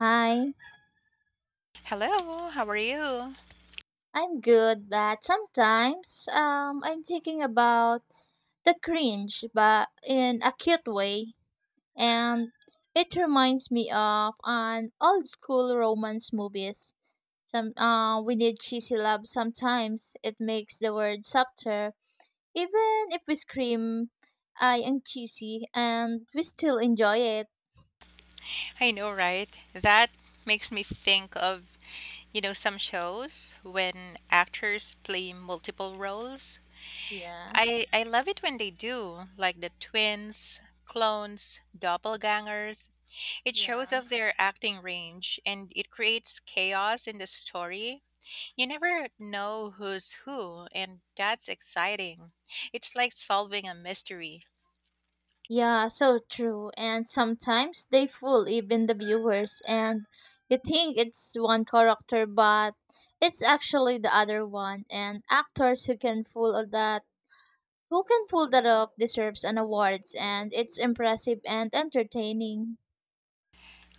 Hi, Hello, how are you? I'm good, but sometimes I'm thinking about the cringe, but in a cute way, and it reminds me of an old school romance movies. Some we need cheesy love sometimes. It makes the word softer, even if we scream, "I am cheesy," and we still enjoy it. I know, right? That makes me think of, you know, some shows when actors play multiple roles. Yeah. I love it when they do, like the twins, clones, doppelgangers. It shows Yeah. off their acting range and it creates chaos in the story. You never know who's who, and that's exciting. It's like solving a mystery. Yeah, so true. And sometimes they fool even the viewers, and you think it's one character, but it's actually the other one. And actors who can fool all that, who can fool that up, deserves an awards, and it's impressive and entertaining.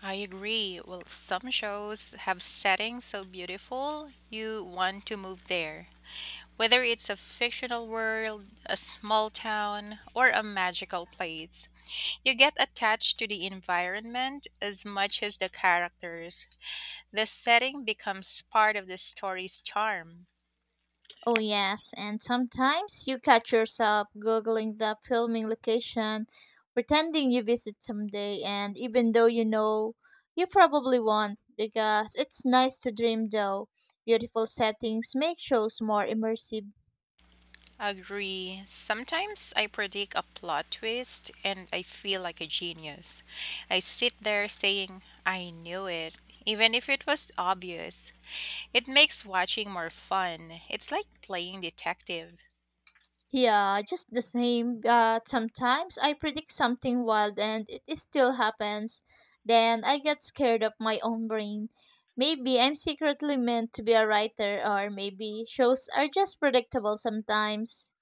I agree. Well, some shows have settings so beautiful you want to move there. Whether it's a fictional world, a small town, or a magical place, you get attached to the environment as much as the characters. The setting becomes part of the story's charm. Oh, yes, and sometimes you catch yourself Googling the filming location, pretending you visit someday, and even though you know you probably won't, because it's nice to dream though. Beautiful settings make shows more immersive. Agree. Sometimes I predict a plot twist and I feel like a genius. I sit there saying, I knew it, even if it was obvious. It makes watching more fun. It's like playing detective. Yeah, just the same. Sometimes I predict something wild and it still happens. Then I get scared of my own brain. Maybe I'm secretly meant to be a writer, or maybe shows are just predictable sometimes.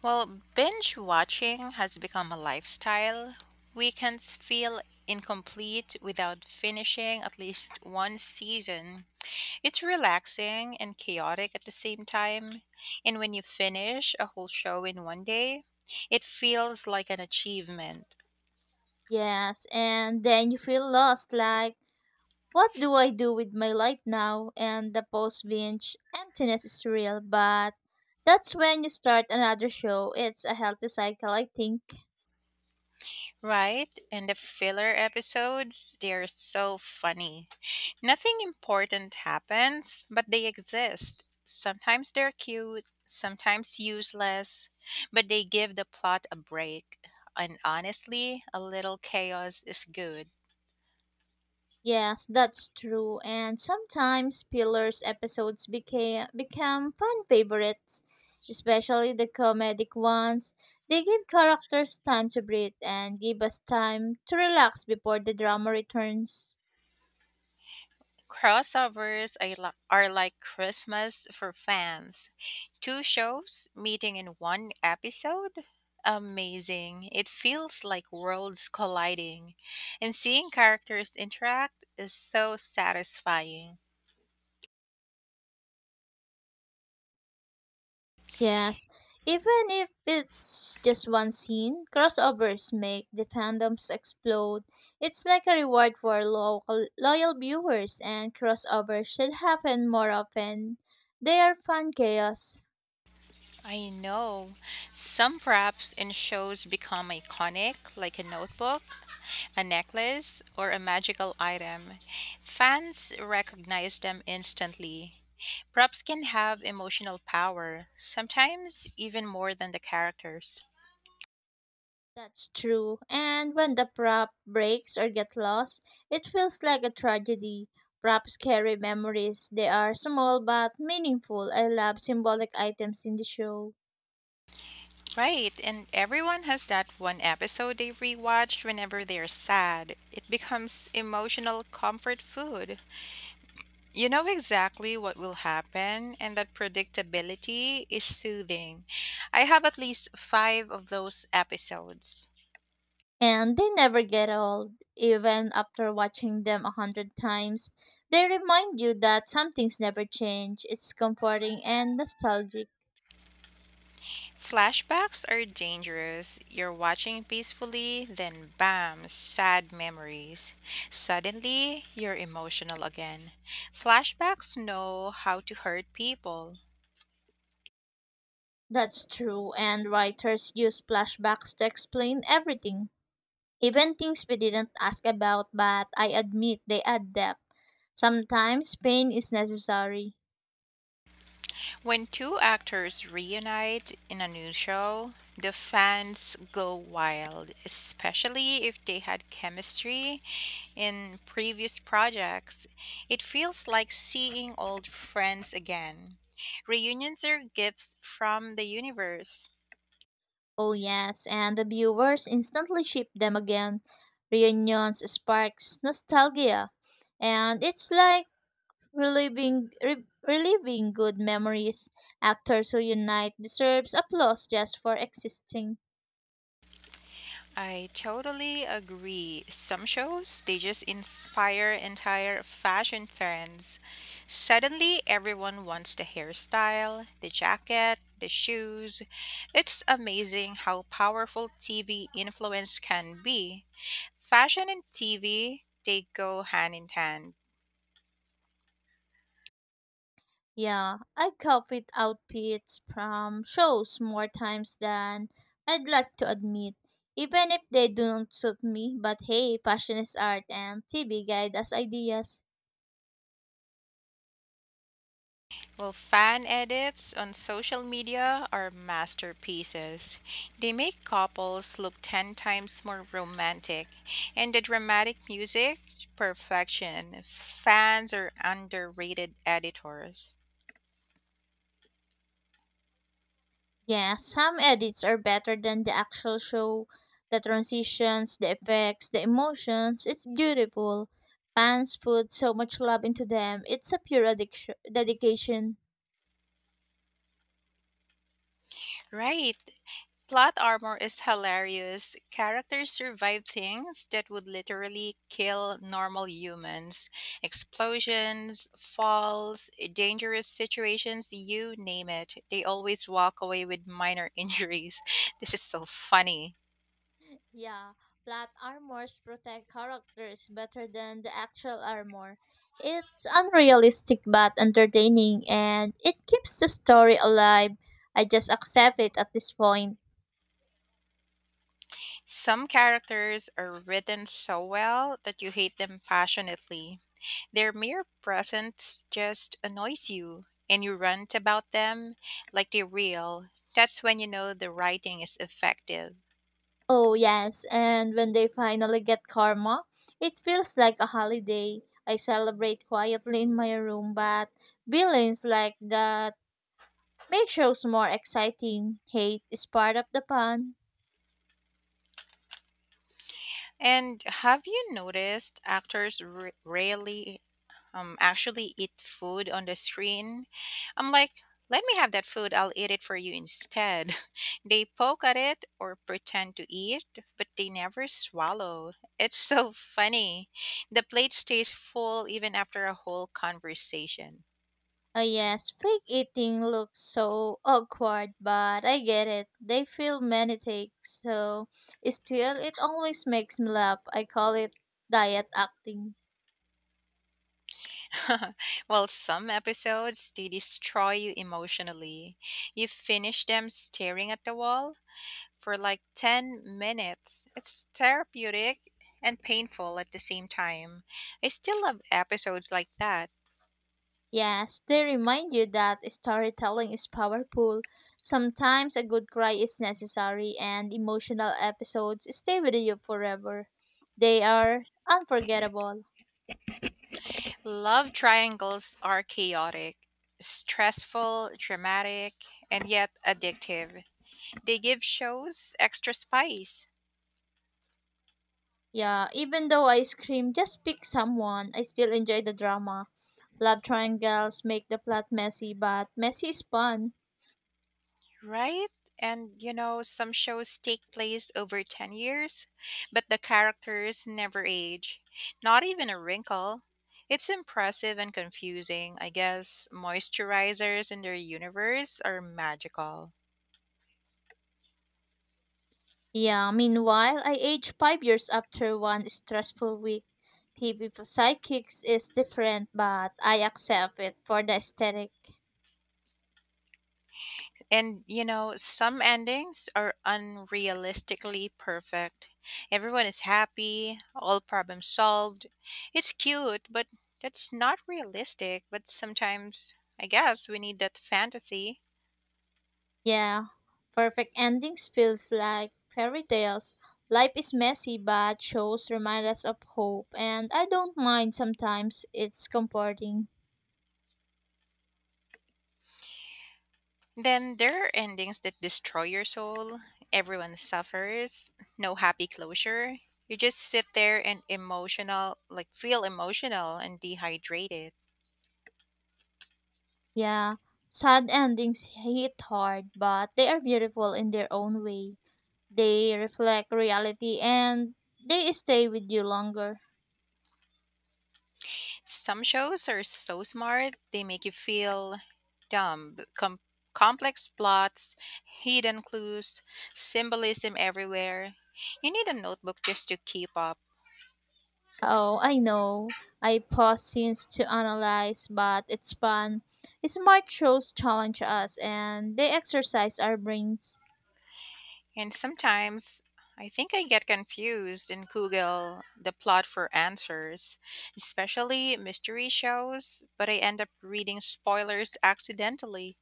Well, binge watching has become a lifestyle. Weekends feel incomplete without finishing at least one season. It's relaxing and chaotic at the same time. And when you finish a whole show in one day, it feels like an achievement, Yes, and then you feel lost like, what do I do with my life now? And the post binge emptiness is real, but that's when you start another show. It's a healthy cycle, I think. right? And the filler episodes, they're so funny. Nothing important happens, but they exist. Sometimes they're cute, sometimes useless, but they give the plot a break. And honestly, a little chaos is good. Yes, that's true. And sometimes Pillar's episodes became become fan favorites, especially the comedic ones. They give characters time to breathe and give us time to relax before the drama returns. Crossovers are like Christmas for fans. Two shows meeting in one episode? Amazing. It feels like worlds colliding. And seeing characters interact is so satisfying. Yes, even if it's just one scene, crossovers make the fandoms explode. It's like a reward for local, loyal viewers, and crossovers should happen more often. They are fun chaos. I know. Some props in shows become iconic, like a notebook, a necklace, or a magical item. Fans recognize them instantly. Props can have emotional power, sometimes even more than the characters. That's true. And when the prop breaks or get lost, it feels like a tragedy. Props carry memories. They are small but meaningful. I love symbolic items in the show. Right, and everyone has that one episode they rewatch whenever they're sad. It becomes emotional comfort food. You know exactly what will happen, and that predictability is soothing. I have at least five of those episodes. And they never get old, even after watching them a hundred times. They remind you that some things never change. It's comforting and nostalgic. Flashbacks are dangerous. You're watching peacefully, then bam, sad memories. Suddenly, you're emotional again. Flashbacks know how to hurt people. That's true, and writers use flashbacks to explain everything. Even things we didn't ask about, but I admit they add depth. Sometimes pain is necessary. When two actors reunite in a new show, the fans go wild, especially if they had chemistry in previous projects. It feels like seeing old friends again. Reunions are gifts from the universe. Oh, yes, and the viewers instantly ship them again. Reunions sparks nostalgia, and it's like reliving good memories. Actors who unite deserves applause just for existing. I totally agree. Some shows, they just inspire entire fashion trends. Suddenly, everyone wants the hairstyle, the jacket, the shoes. It's amazing how powerful TV influence can be. Fashion and TV, they go hand in hand. Yeah, I copied outfits from shows more times than I'd like to admit, even if they don't suit me. But hey, fashion is art, and TV guide us ideas. Well, fan edits on social media are masterpieces. They make couples look 10 times more romantic, and the dramatic music, perfection. Fans are underrated editors. Yeah, some edits are better than the actual show. The transitions, the effects, the emotions, it's beautiful. Fans put so much love into them. It's a pure dedication. Right. Plot armor is hilarious. Characters survive things that would literally kill normal humans, explosions, falls, dangerous situations, you name it. They always walk away with minor injuries. This is so funny. Yeah, plot armors protect characters better than the actual armor. It's unrealistic but entertaining and it keeps the story alive. I just accept it at this point. Some characters are written so well that you hate them passionately. Their mere presence just annoys you and you rant about them like they're real. That's when you know the writing is effective. Oh, yes, and when they finally get karma, it feels like a holiday. I celebrate quietly in my room, but villains like that make shows more exciting. Hate is part of the fun. And have you noticed actors rarely actually eat food on the screen? I'm like, let me have that food, I'll eat it for you instead. They poke at it or pretend to eat, but they never swallow. It's so funny. The plate stays full even after a whole conversation. Oh yes, fake eating looks so awkward, but I get it. They feel many takes, so still it always makes me laugh. I call it diet acting. Well, some episodes they destroy you emotionally. You finish them staring at the wall for like 10 minutes. It's therapeutic and painful at the same time. I still love episodes like that. Yes, they remind you that storytelling is powerful. Sometimes a good cry is necessary and emotional episodes stay with you forever. They are unforgettable. Love triangles are chaotic, stressful, dramatic, and yet addictive. They give shows extra spice. Yeah, even though I scream, just pick someone, I still enjoy the drama. Love triangles make the plot messy, but messy is fun. Right? And you know, some shows take place over 10 years, but the characters never age. Not even a wrinkle. It's impressive and confusing. I guess moisturizers in their universe are magical. Yeah, meanwhile, I aged 5 years after one stressful week. TV for sidekicks is different, but I accept it for the aesthetic. And you know, some endings are unrealistically perfect. Everyone is happy, all problems solved. It's cute, but that's not realistic. But sometimes, I guess, we need that fantasy. Yeah, perfect endings feels like fairy tales. Life is messy, but shows remind us of hope, and I don't mind sometimes. It's comforting. Then there are endings that destroy your soul. Everyone suffers. No happy closure. You just sit there and emotional, like feel emotional and dehydrated. Yeah, sad endings hit hard, but they are beautiful in their own way. They reflect reality and they stay with you longer. Some shows are so smart, they make you feel dumb. Complex plots, hidden clues, symbolism everywhere. You need a notebook just to keep up. Oh, I know. I pause scenes to analyze, but it's fun. Smart shows challenge us and they exercise our brains. And sometimes I think I get confused in Google the plot for answers, especially mystery shows, but I end up reading spoilers accidentally.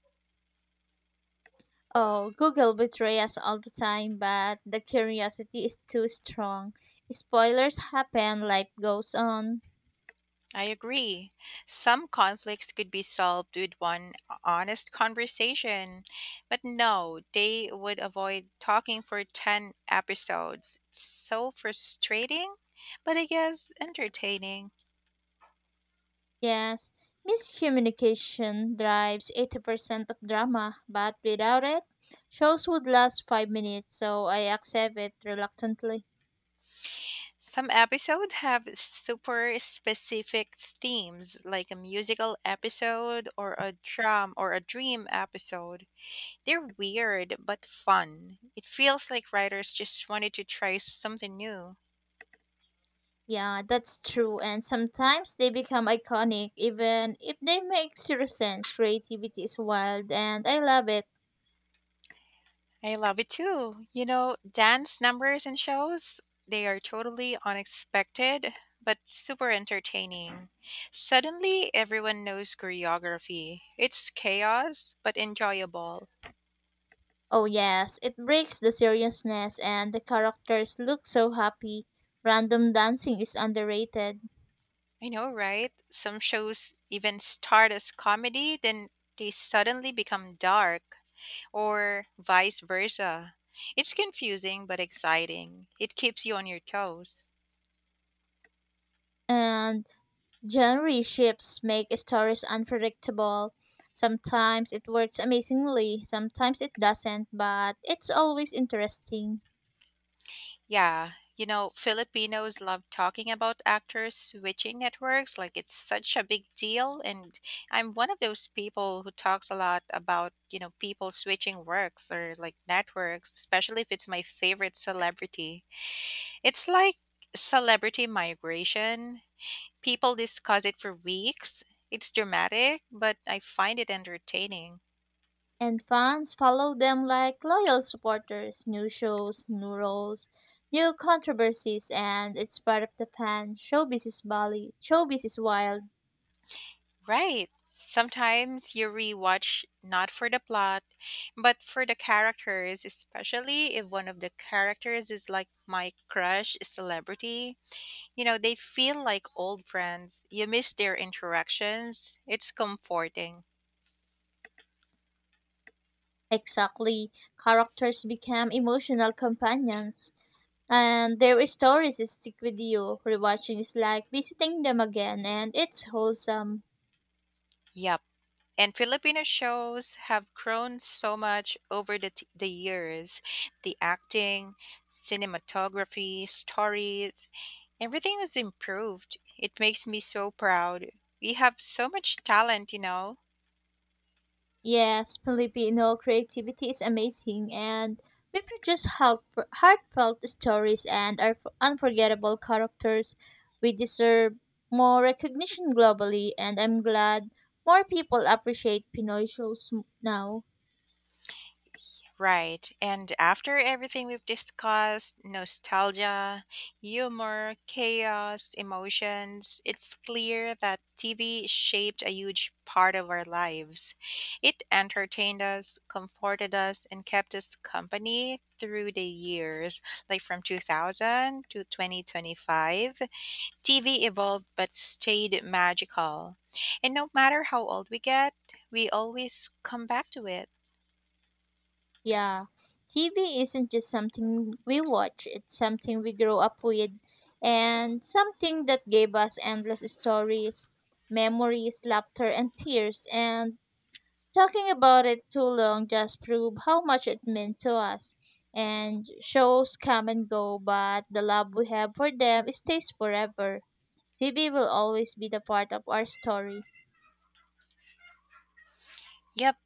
Oh, Google betray us all the time, but the curiosity is too strong. Spoilers happen, life goes on. I agree. Some conflicts could be solved with one honest conversation, but no, they would avoid talking for 10 episodes. It's so frustrating, but I guess entertaining. Yes, miscommunication drives 80% of drama, but without it, shows would last 5 minutes, so I accept it reluctantly. Some episodes have super specific themes, like a musical episode or a drum or a dream episode. They're weird but fun. It feels like writers just wanted to try something new. Yeah, that's true, and sometimes they become iconic even if they make zero sense. Creativity is wild, and I love it. I love it too. You know, dance numbers and shows, they are totally unexpected but super entertaining. Suddenly, everyone knows choreography. It's chaos but enjoyable. Oh, yes, it breaks the seriousness, and the characters look so happy. Random dancing is underrated. I know, right? Some shows even start as comedy, then they suddenly become dark, or vice versa. It's confusing but exciting. It keeps you on your toes. And genre shifts make stories unpredictable. Sometimes it works amazingly, sometimes it doesn't, but it's always interesting. Yeah, you know, Filipinos love talking about actors switching networks like it's such a big deal. And I'm one of those people who talks a lot about, you know, people switching works or like networks, especially if it's my favorite celebrity. It's like celebrity migration. People discuss it for weeks. It's dramatic, but I find it entertaining. And fans follow them like loyal supporters. New shows, new roles, new controversies, and it's part of the fan. Showbiz is Bali. Showbiz is wild. Right. Sometimes you rewatch not for the plot, but for the characters, especially if one of the characters is like my crush celebrity. You know, they feel like old friends. You miss their interactions. It's comforting. Exactly. Characters become emotional companions. And their stories stick with you. Rewatching is like visiting them again, and it's wholesome. Yep. And Filipino shows have grown so much over the years. The acting, cinematography, stories, everything was improved. It makes me so proud. We have so much talent, you know. Yes, Filipino creativity is amazing, and we produce heartfelt stories and our unforgettable characters. We deserve more recognition globally, and I'm glad more people appreciate Pinoy shows now. Right. And after everything we've discussed, nostalgia, humor, chaos, emotions, it's clear that TV shaped a huge part of our lives. It entertained us, comforted us, and kept us company through the years, like from 2000 to 2025. TV evolved but stayed magical. And no matter how old we get, we always come back to it. Yeah, TV isn't just something we watch, it's something we grow up with, and something that gave us endless stories, memories, laughter, and tears, and talking about it too long just proved how much it meant to us. And shows come and go, but the love we have for them stays forever. TV will always be the part of our story. Yep.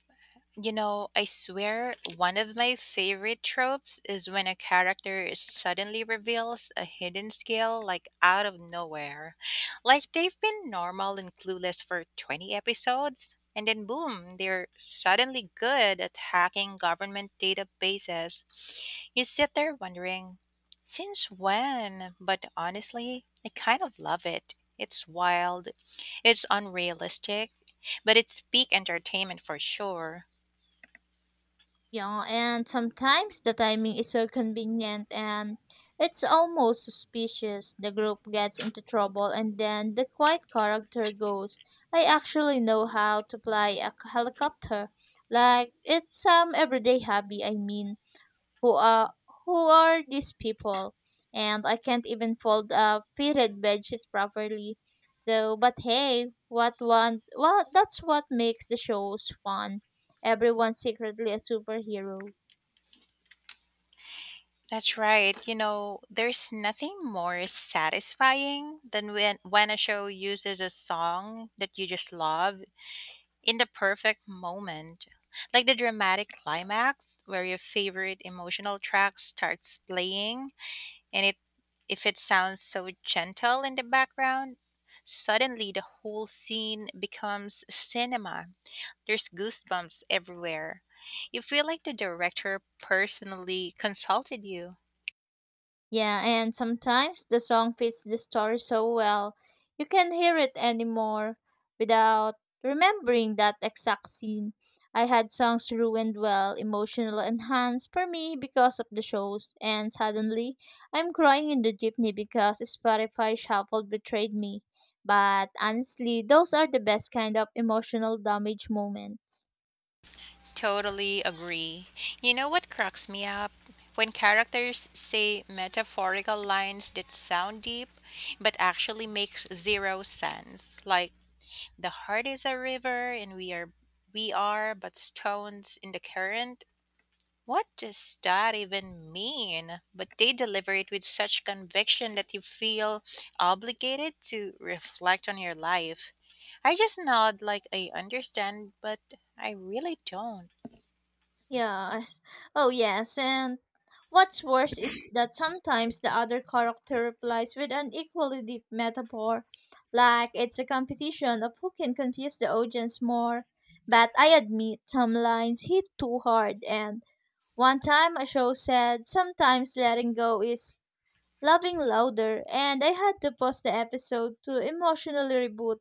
You know, I swear one of my favorite tropes is when a character is suddenly reveals a hidden skill like out of nowhere. Like they've been normal and clueless for 20 episodes, and then boom, they're suddenly good at hacking government databases. You sit there wondering, since when? But honestly, I kind of love it. It's wild, it's unrealistic, but it's peak entertainment for sure. Yeah, and sometimes the timing is so convenient and it's almost suspicious. The group gets into trouble and then the quiet character goes, I actually know how to fly a helicopter. Like, it's some everyday hobby, I mean. who are who are these people, and I can't even fold a fitted bedsheet properly, so but hey, what once, well, that's what makes the shows fun. Everyone's secretly a superhero. That's right. You know, there's nothing more satisfying than when a show uses a song that you just love in the perfect moment. Like the dramatic climax where your favorite emotional track starts playing and it if it sounds so gentle in the background, suddenly the whole scene becomes cinema. There's goosebumps everywhere. You feel like the director personally consulted you. Yeah, and sometimes the song fits the story so well, you can not hear it anymore without remembering that exact scene. I had songs emotional enhanced for me because of the shows, and suddenly I'm crying in the jeepney because Spotify Shuffle betrayed me. But honestly, those are the best kind of emotional damage moments. Totally agree. You know what cracks me up? When characters say metaphorical lines that sound deep but actually makes zero sense. Like the heart is a river and we are but stones in the current. What does that even mean? But they deliver it with such conviction that you feel obligated to reflect on your life. I just nod like I understand, but I really don't. Yes. Oh, yes. And what's worse is that sometimes the other character replies with an equally deep metaphor, like it's a competition of who can confuse the audience more. But I admit some lines hit too hard, and one time a show said sometimes letting go is loving louder, and I had to pause the episode to emotionally reboot.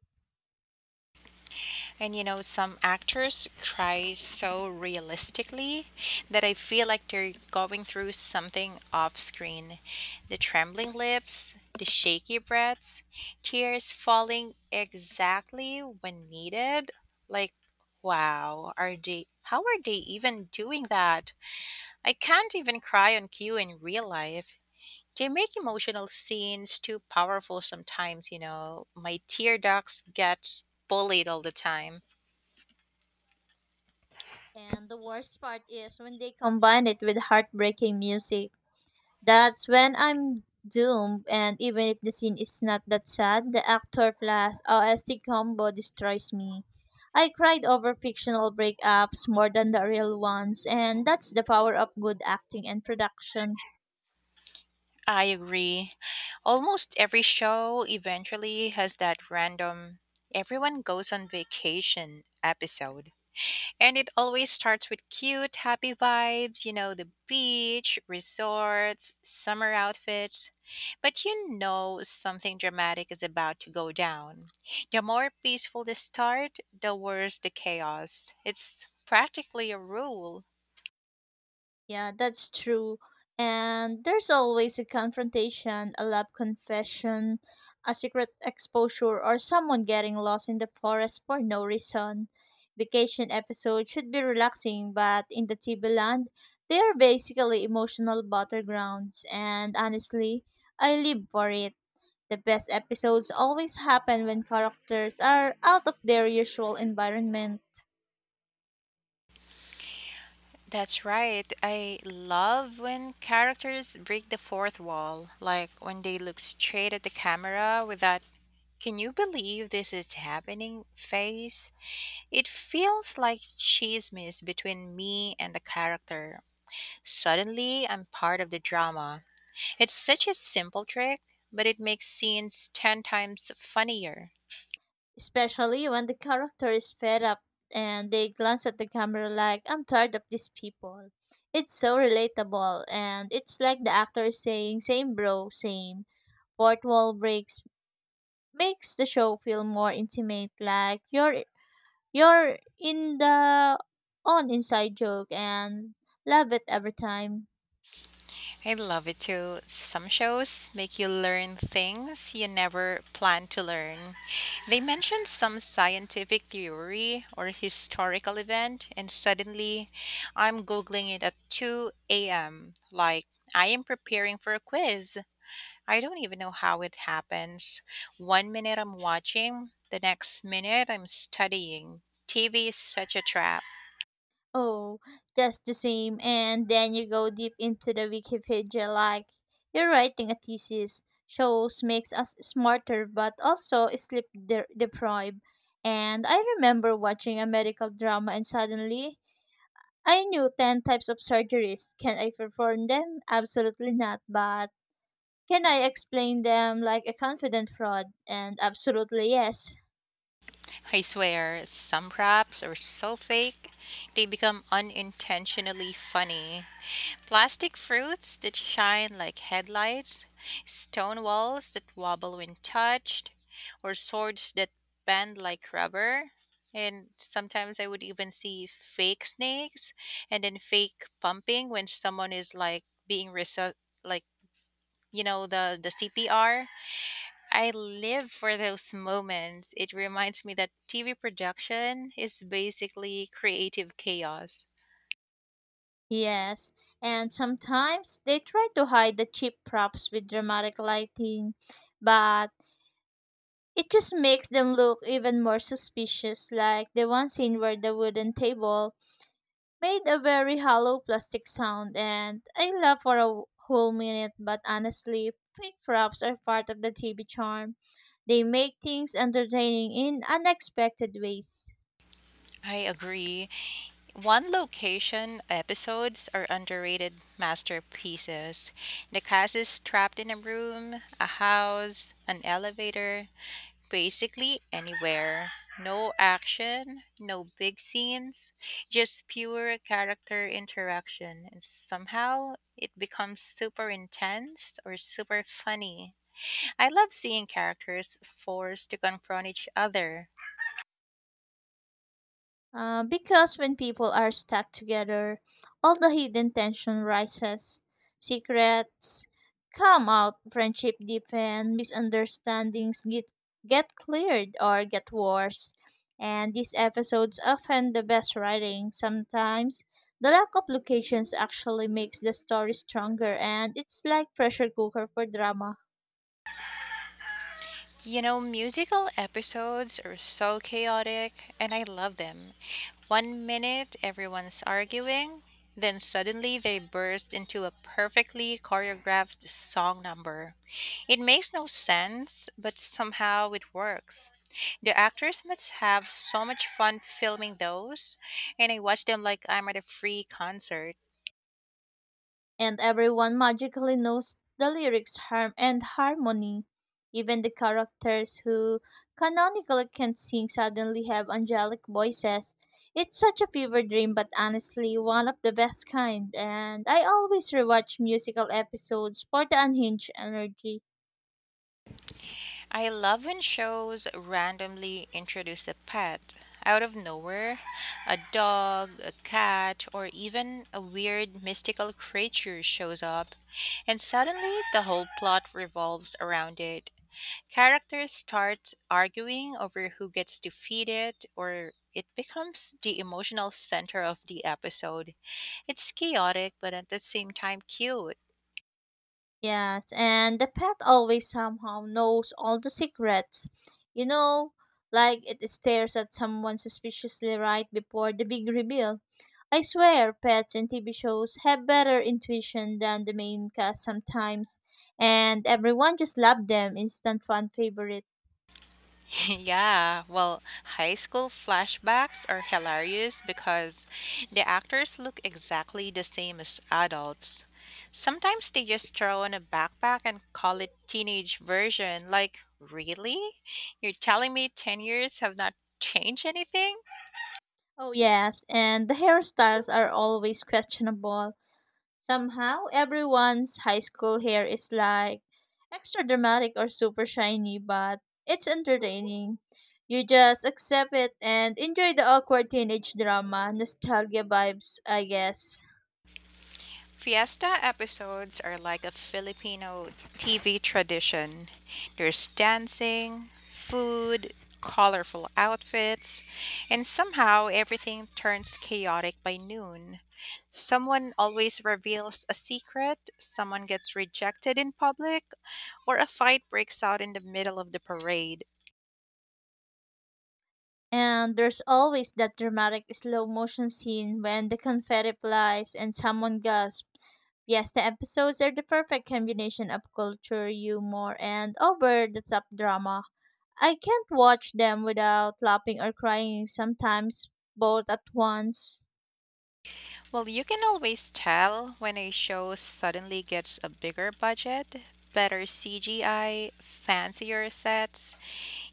And you know, some actors cry so realistically that I feel like they're going through something off screen. The trembling lips, the shaky breaths, tears falling exactly when needed. Like, wow, are they how are they even doing that? I can't even cry on cue in real life. They make emotional scenes too powerful sometimes, you know. My tear ducts get bullied all the time. And the worst part is when they combine it with heartbreaking music. That's when I'm doomed, and even if the scene is not that sad, the actor plus OST combo destroys me. I cried over fictional breakups more than the real ones, and that's the power of good acting and production. I agree. Almost every show eventually has that random everyone goes on vacation episode. And it always starts with cute, happy vibes, you know, the beach, resorts, summer outfits. But you know something dramatic is about to go down. The more peaceful the start, the worse the chaos. It's practically a rule. Yeah, that's true. And there's always a confrontation, a lab confession, a secret exposure, or someone getting lost in the forest for no reason. Vacation episodes should be relaxing, but in the Tibuland, they are basically emotional battlegrounds, and honestly, I live for it. The best episodes always happen when characters are out of their usual environment. That's right. I love when characters break the fourth wall, like when they look straight at the camera with that, can you believe this is happening face? It feels like chismis between me and the character. Suddenly, I'm part of the drama. It's such a simple trick, but it makes scenes 10 times funnier. Especially when the character is fed up and they glance at the camera like, I'm tired of these people. It's so relatable, and it's like the actor is saying, same bro, same. Fourth wall breaks makes the show feel more intimate, like you're in the on inside joke and love it every time. I love it too. Some shows make you learn things you never planned to learn. They mention some scientific theory or historical event, and suddenly I'm Googling it at 2 a.m. Like I am preparing for a quiz. I don't even know how it happens. One minute I'm watching, the next minute I'm studying. TV is such a trap. Oh, that's the same. And then you go deep into the Wikipedia like you're writing a thesis. Shows makes us smarter but also deprived. And I remember watching a medical drama and suddenly I knew 10 types of surgeries. Can I perform them? Absolutely not. But can I explain them like a confident fraud? And absolutely yes. I swear, some wraps are so fake, they become unintentionally funny. Plastic fruits that shine like headlights, stone walls that wobble when touched, or swords that bend like rubber. And sometimes I would even see fake snakes and then fake pumping when someone is like being like the CPR. I live for those moments. It reminds me that TV production is basically creative chaos. Yes, and sometimes they try to hide the cheap props with dramatic lighting, but it just makes them look even more suspicious, like the one scene where the wooden table made a very hollow plastic sound, and I laughed for a whole minute, but honestly, fake props are part of the TV charm. They make things entertaining in unexpected ways. I agree. One location episodes are underrated masterpieces. The cast is trapped in a room, a house, an elevator, basically anywhere. No action, no big scenes, just pure character interaction. And somehow it becomes super intense or super funny. I love seeing characters forced to confront each other. Because when people are stuck together, all the hidden tension rises. Secrets come out, friendship deepen, get cleared or get worse. And these episodes often the best writing. Sometimes the lack of locations actually makes the story stronger and it's like pressure cooker for drama. You know, musical episodes are so chaotic, and I love them. One minute everyone's arguing, then suddenly they burst into a perfectly choreographed song number. It makes no sense, but somehow it works. The actors must have so much fun filming those, and I watch them like I'm at a free concert. And everyone magically knows the lyrics harm and harmony. Even the characters who canonically can't sing suddenly have angelic voices. It's such a fever dream, but honestly, one of the best kind. And I always rewatch musical episodes for the unhinged energy. I love when shows randomly introduce a pet out of nowhere, a dog, a cat, or even a weird mystical creature shows up, and suddenly the whole plot revolves around it. Characters start arguing over who gets to feed it, or it becomes the emotional center of the episode. It's chaotic, but at the same time, cute. Yes, and the pet always somehow knows all the secrets. You know, like it stares at someone suspiciously right before the big reveal. I swear, pets in TV shows have better intuition than the main cast sometimes, and everyone just loved them. Instant fan favorite. Yeah, well, high school flashbacks are hilarious because the actors look exactly the same as adults. Sometimes they just throw on a backpack and call it teenage version. Like, really? You're telling me 10 years have not changed anything? Oh, yes, and the hairstyles are always questionable. Somehow, everyone's high school hair is like extra dramatic or super shiny, but it's entertaining. You just accept it and enjoy the awkward teenage drama, nostalgia vibes, I guess. Fiesta episodes are like a Filipino TV tradition. There's dancing, food, colorful outfits, and somehow everything turns chaotic by noon. Someone always reveals a secret, someone gets rejected in public, or a fight breaks out in the middle of the parade. And there's always that dramatic slow motion scene when the confetti flies and someone gasps. Fiesta episodes are the perfect combination of culture, humor, and over the top drama. I can't watch them without laughing or crying sometimes, both at once. Well, you can always tell when a show suddenly gets a bigger budget, better CGI, fancier sets,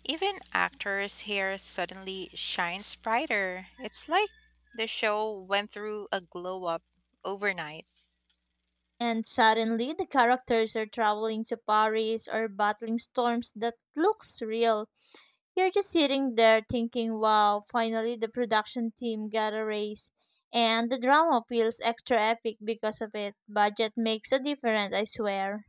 even actors' hair suddenly shines brighter. It's like the show went through a glow up overnight. And suddenly, the characters are traveling to Paris or battling storms that looks real. You're just sitting there thinking, wow, finally the production team got a raise. And the drama feels extra epic because of it. Budget makes a difference, I swear.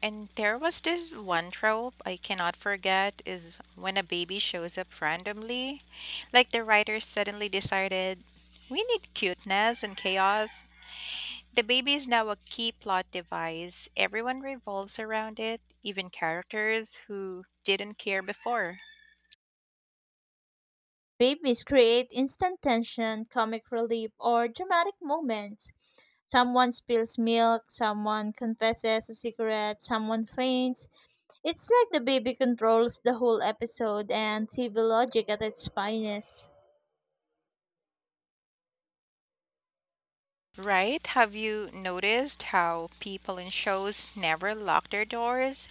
And there was this one trope I cannot forget is when a baby shows up randomly. Like the writers suddenly decided, we need cuteness and chaos, the baby is now a key plot device. Everyone revolves around it, even characters who didn't care before. Babies create instant tension, comic relief, or dramatic moments. Someone spills milk, someone confesses a secret, someone faints. It's like the baby controls the whole episode and TV logic at its finest. Right? Have you noticed how people in shows never lock their doors?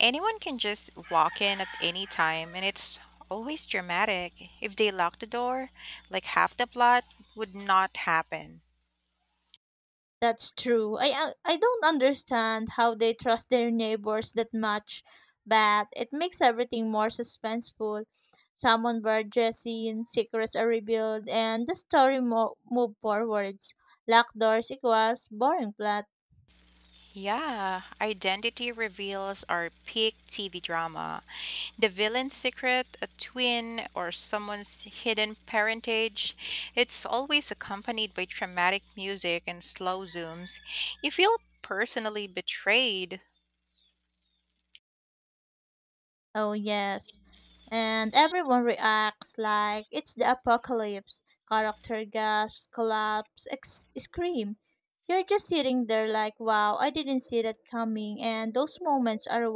Anyone can just walk in at any time, and it's always dramatic. If they lock the door, like half the plot would not happen. That's true. I don't understand how they trust their neighbors that much, but it makes everything more suspenseful. Someone were Jesse secrets are revealed, and the story move forwards. Locked doors equals boring plot. Yeah, Identity Reveals are peak TV drama. The villain's secret, a twin, or someone's hidden parentage, it's always accompanied by dramatic music and slow zooms. You feel personally betrayed, Oh yes, and everyone reacts like it's the apocalypse. Character gasps, collapse, scream. You're just sitting there like, wow, I didn't see that coming, and those moments are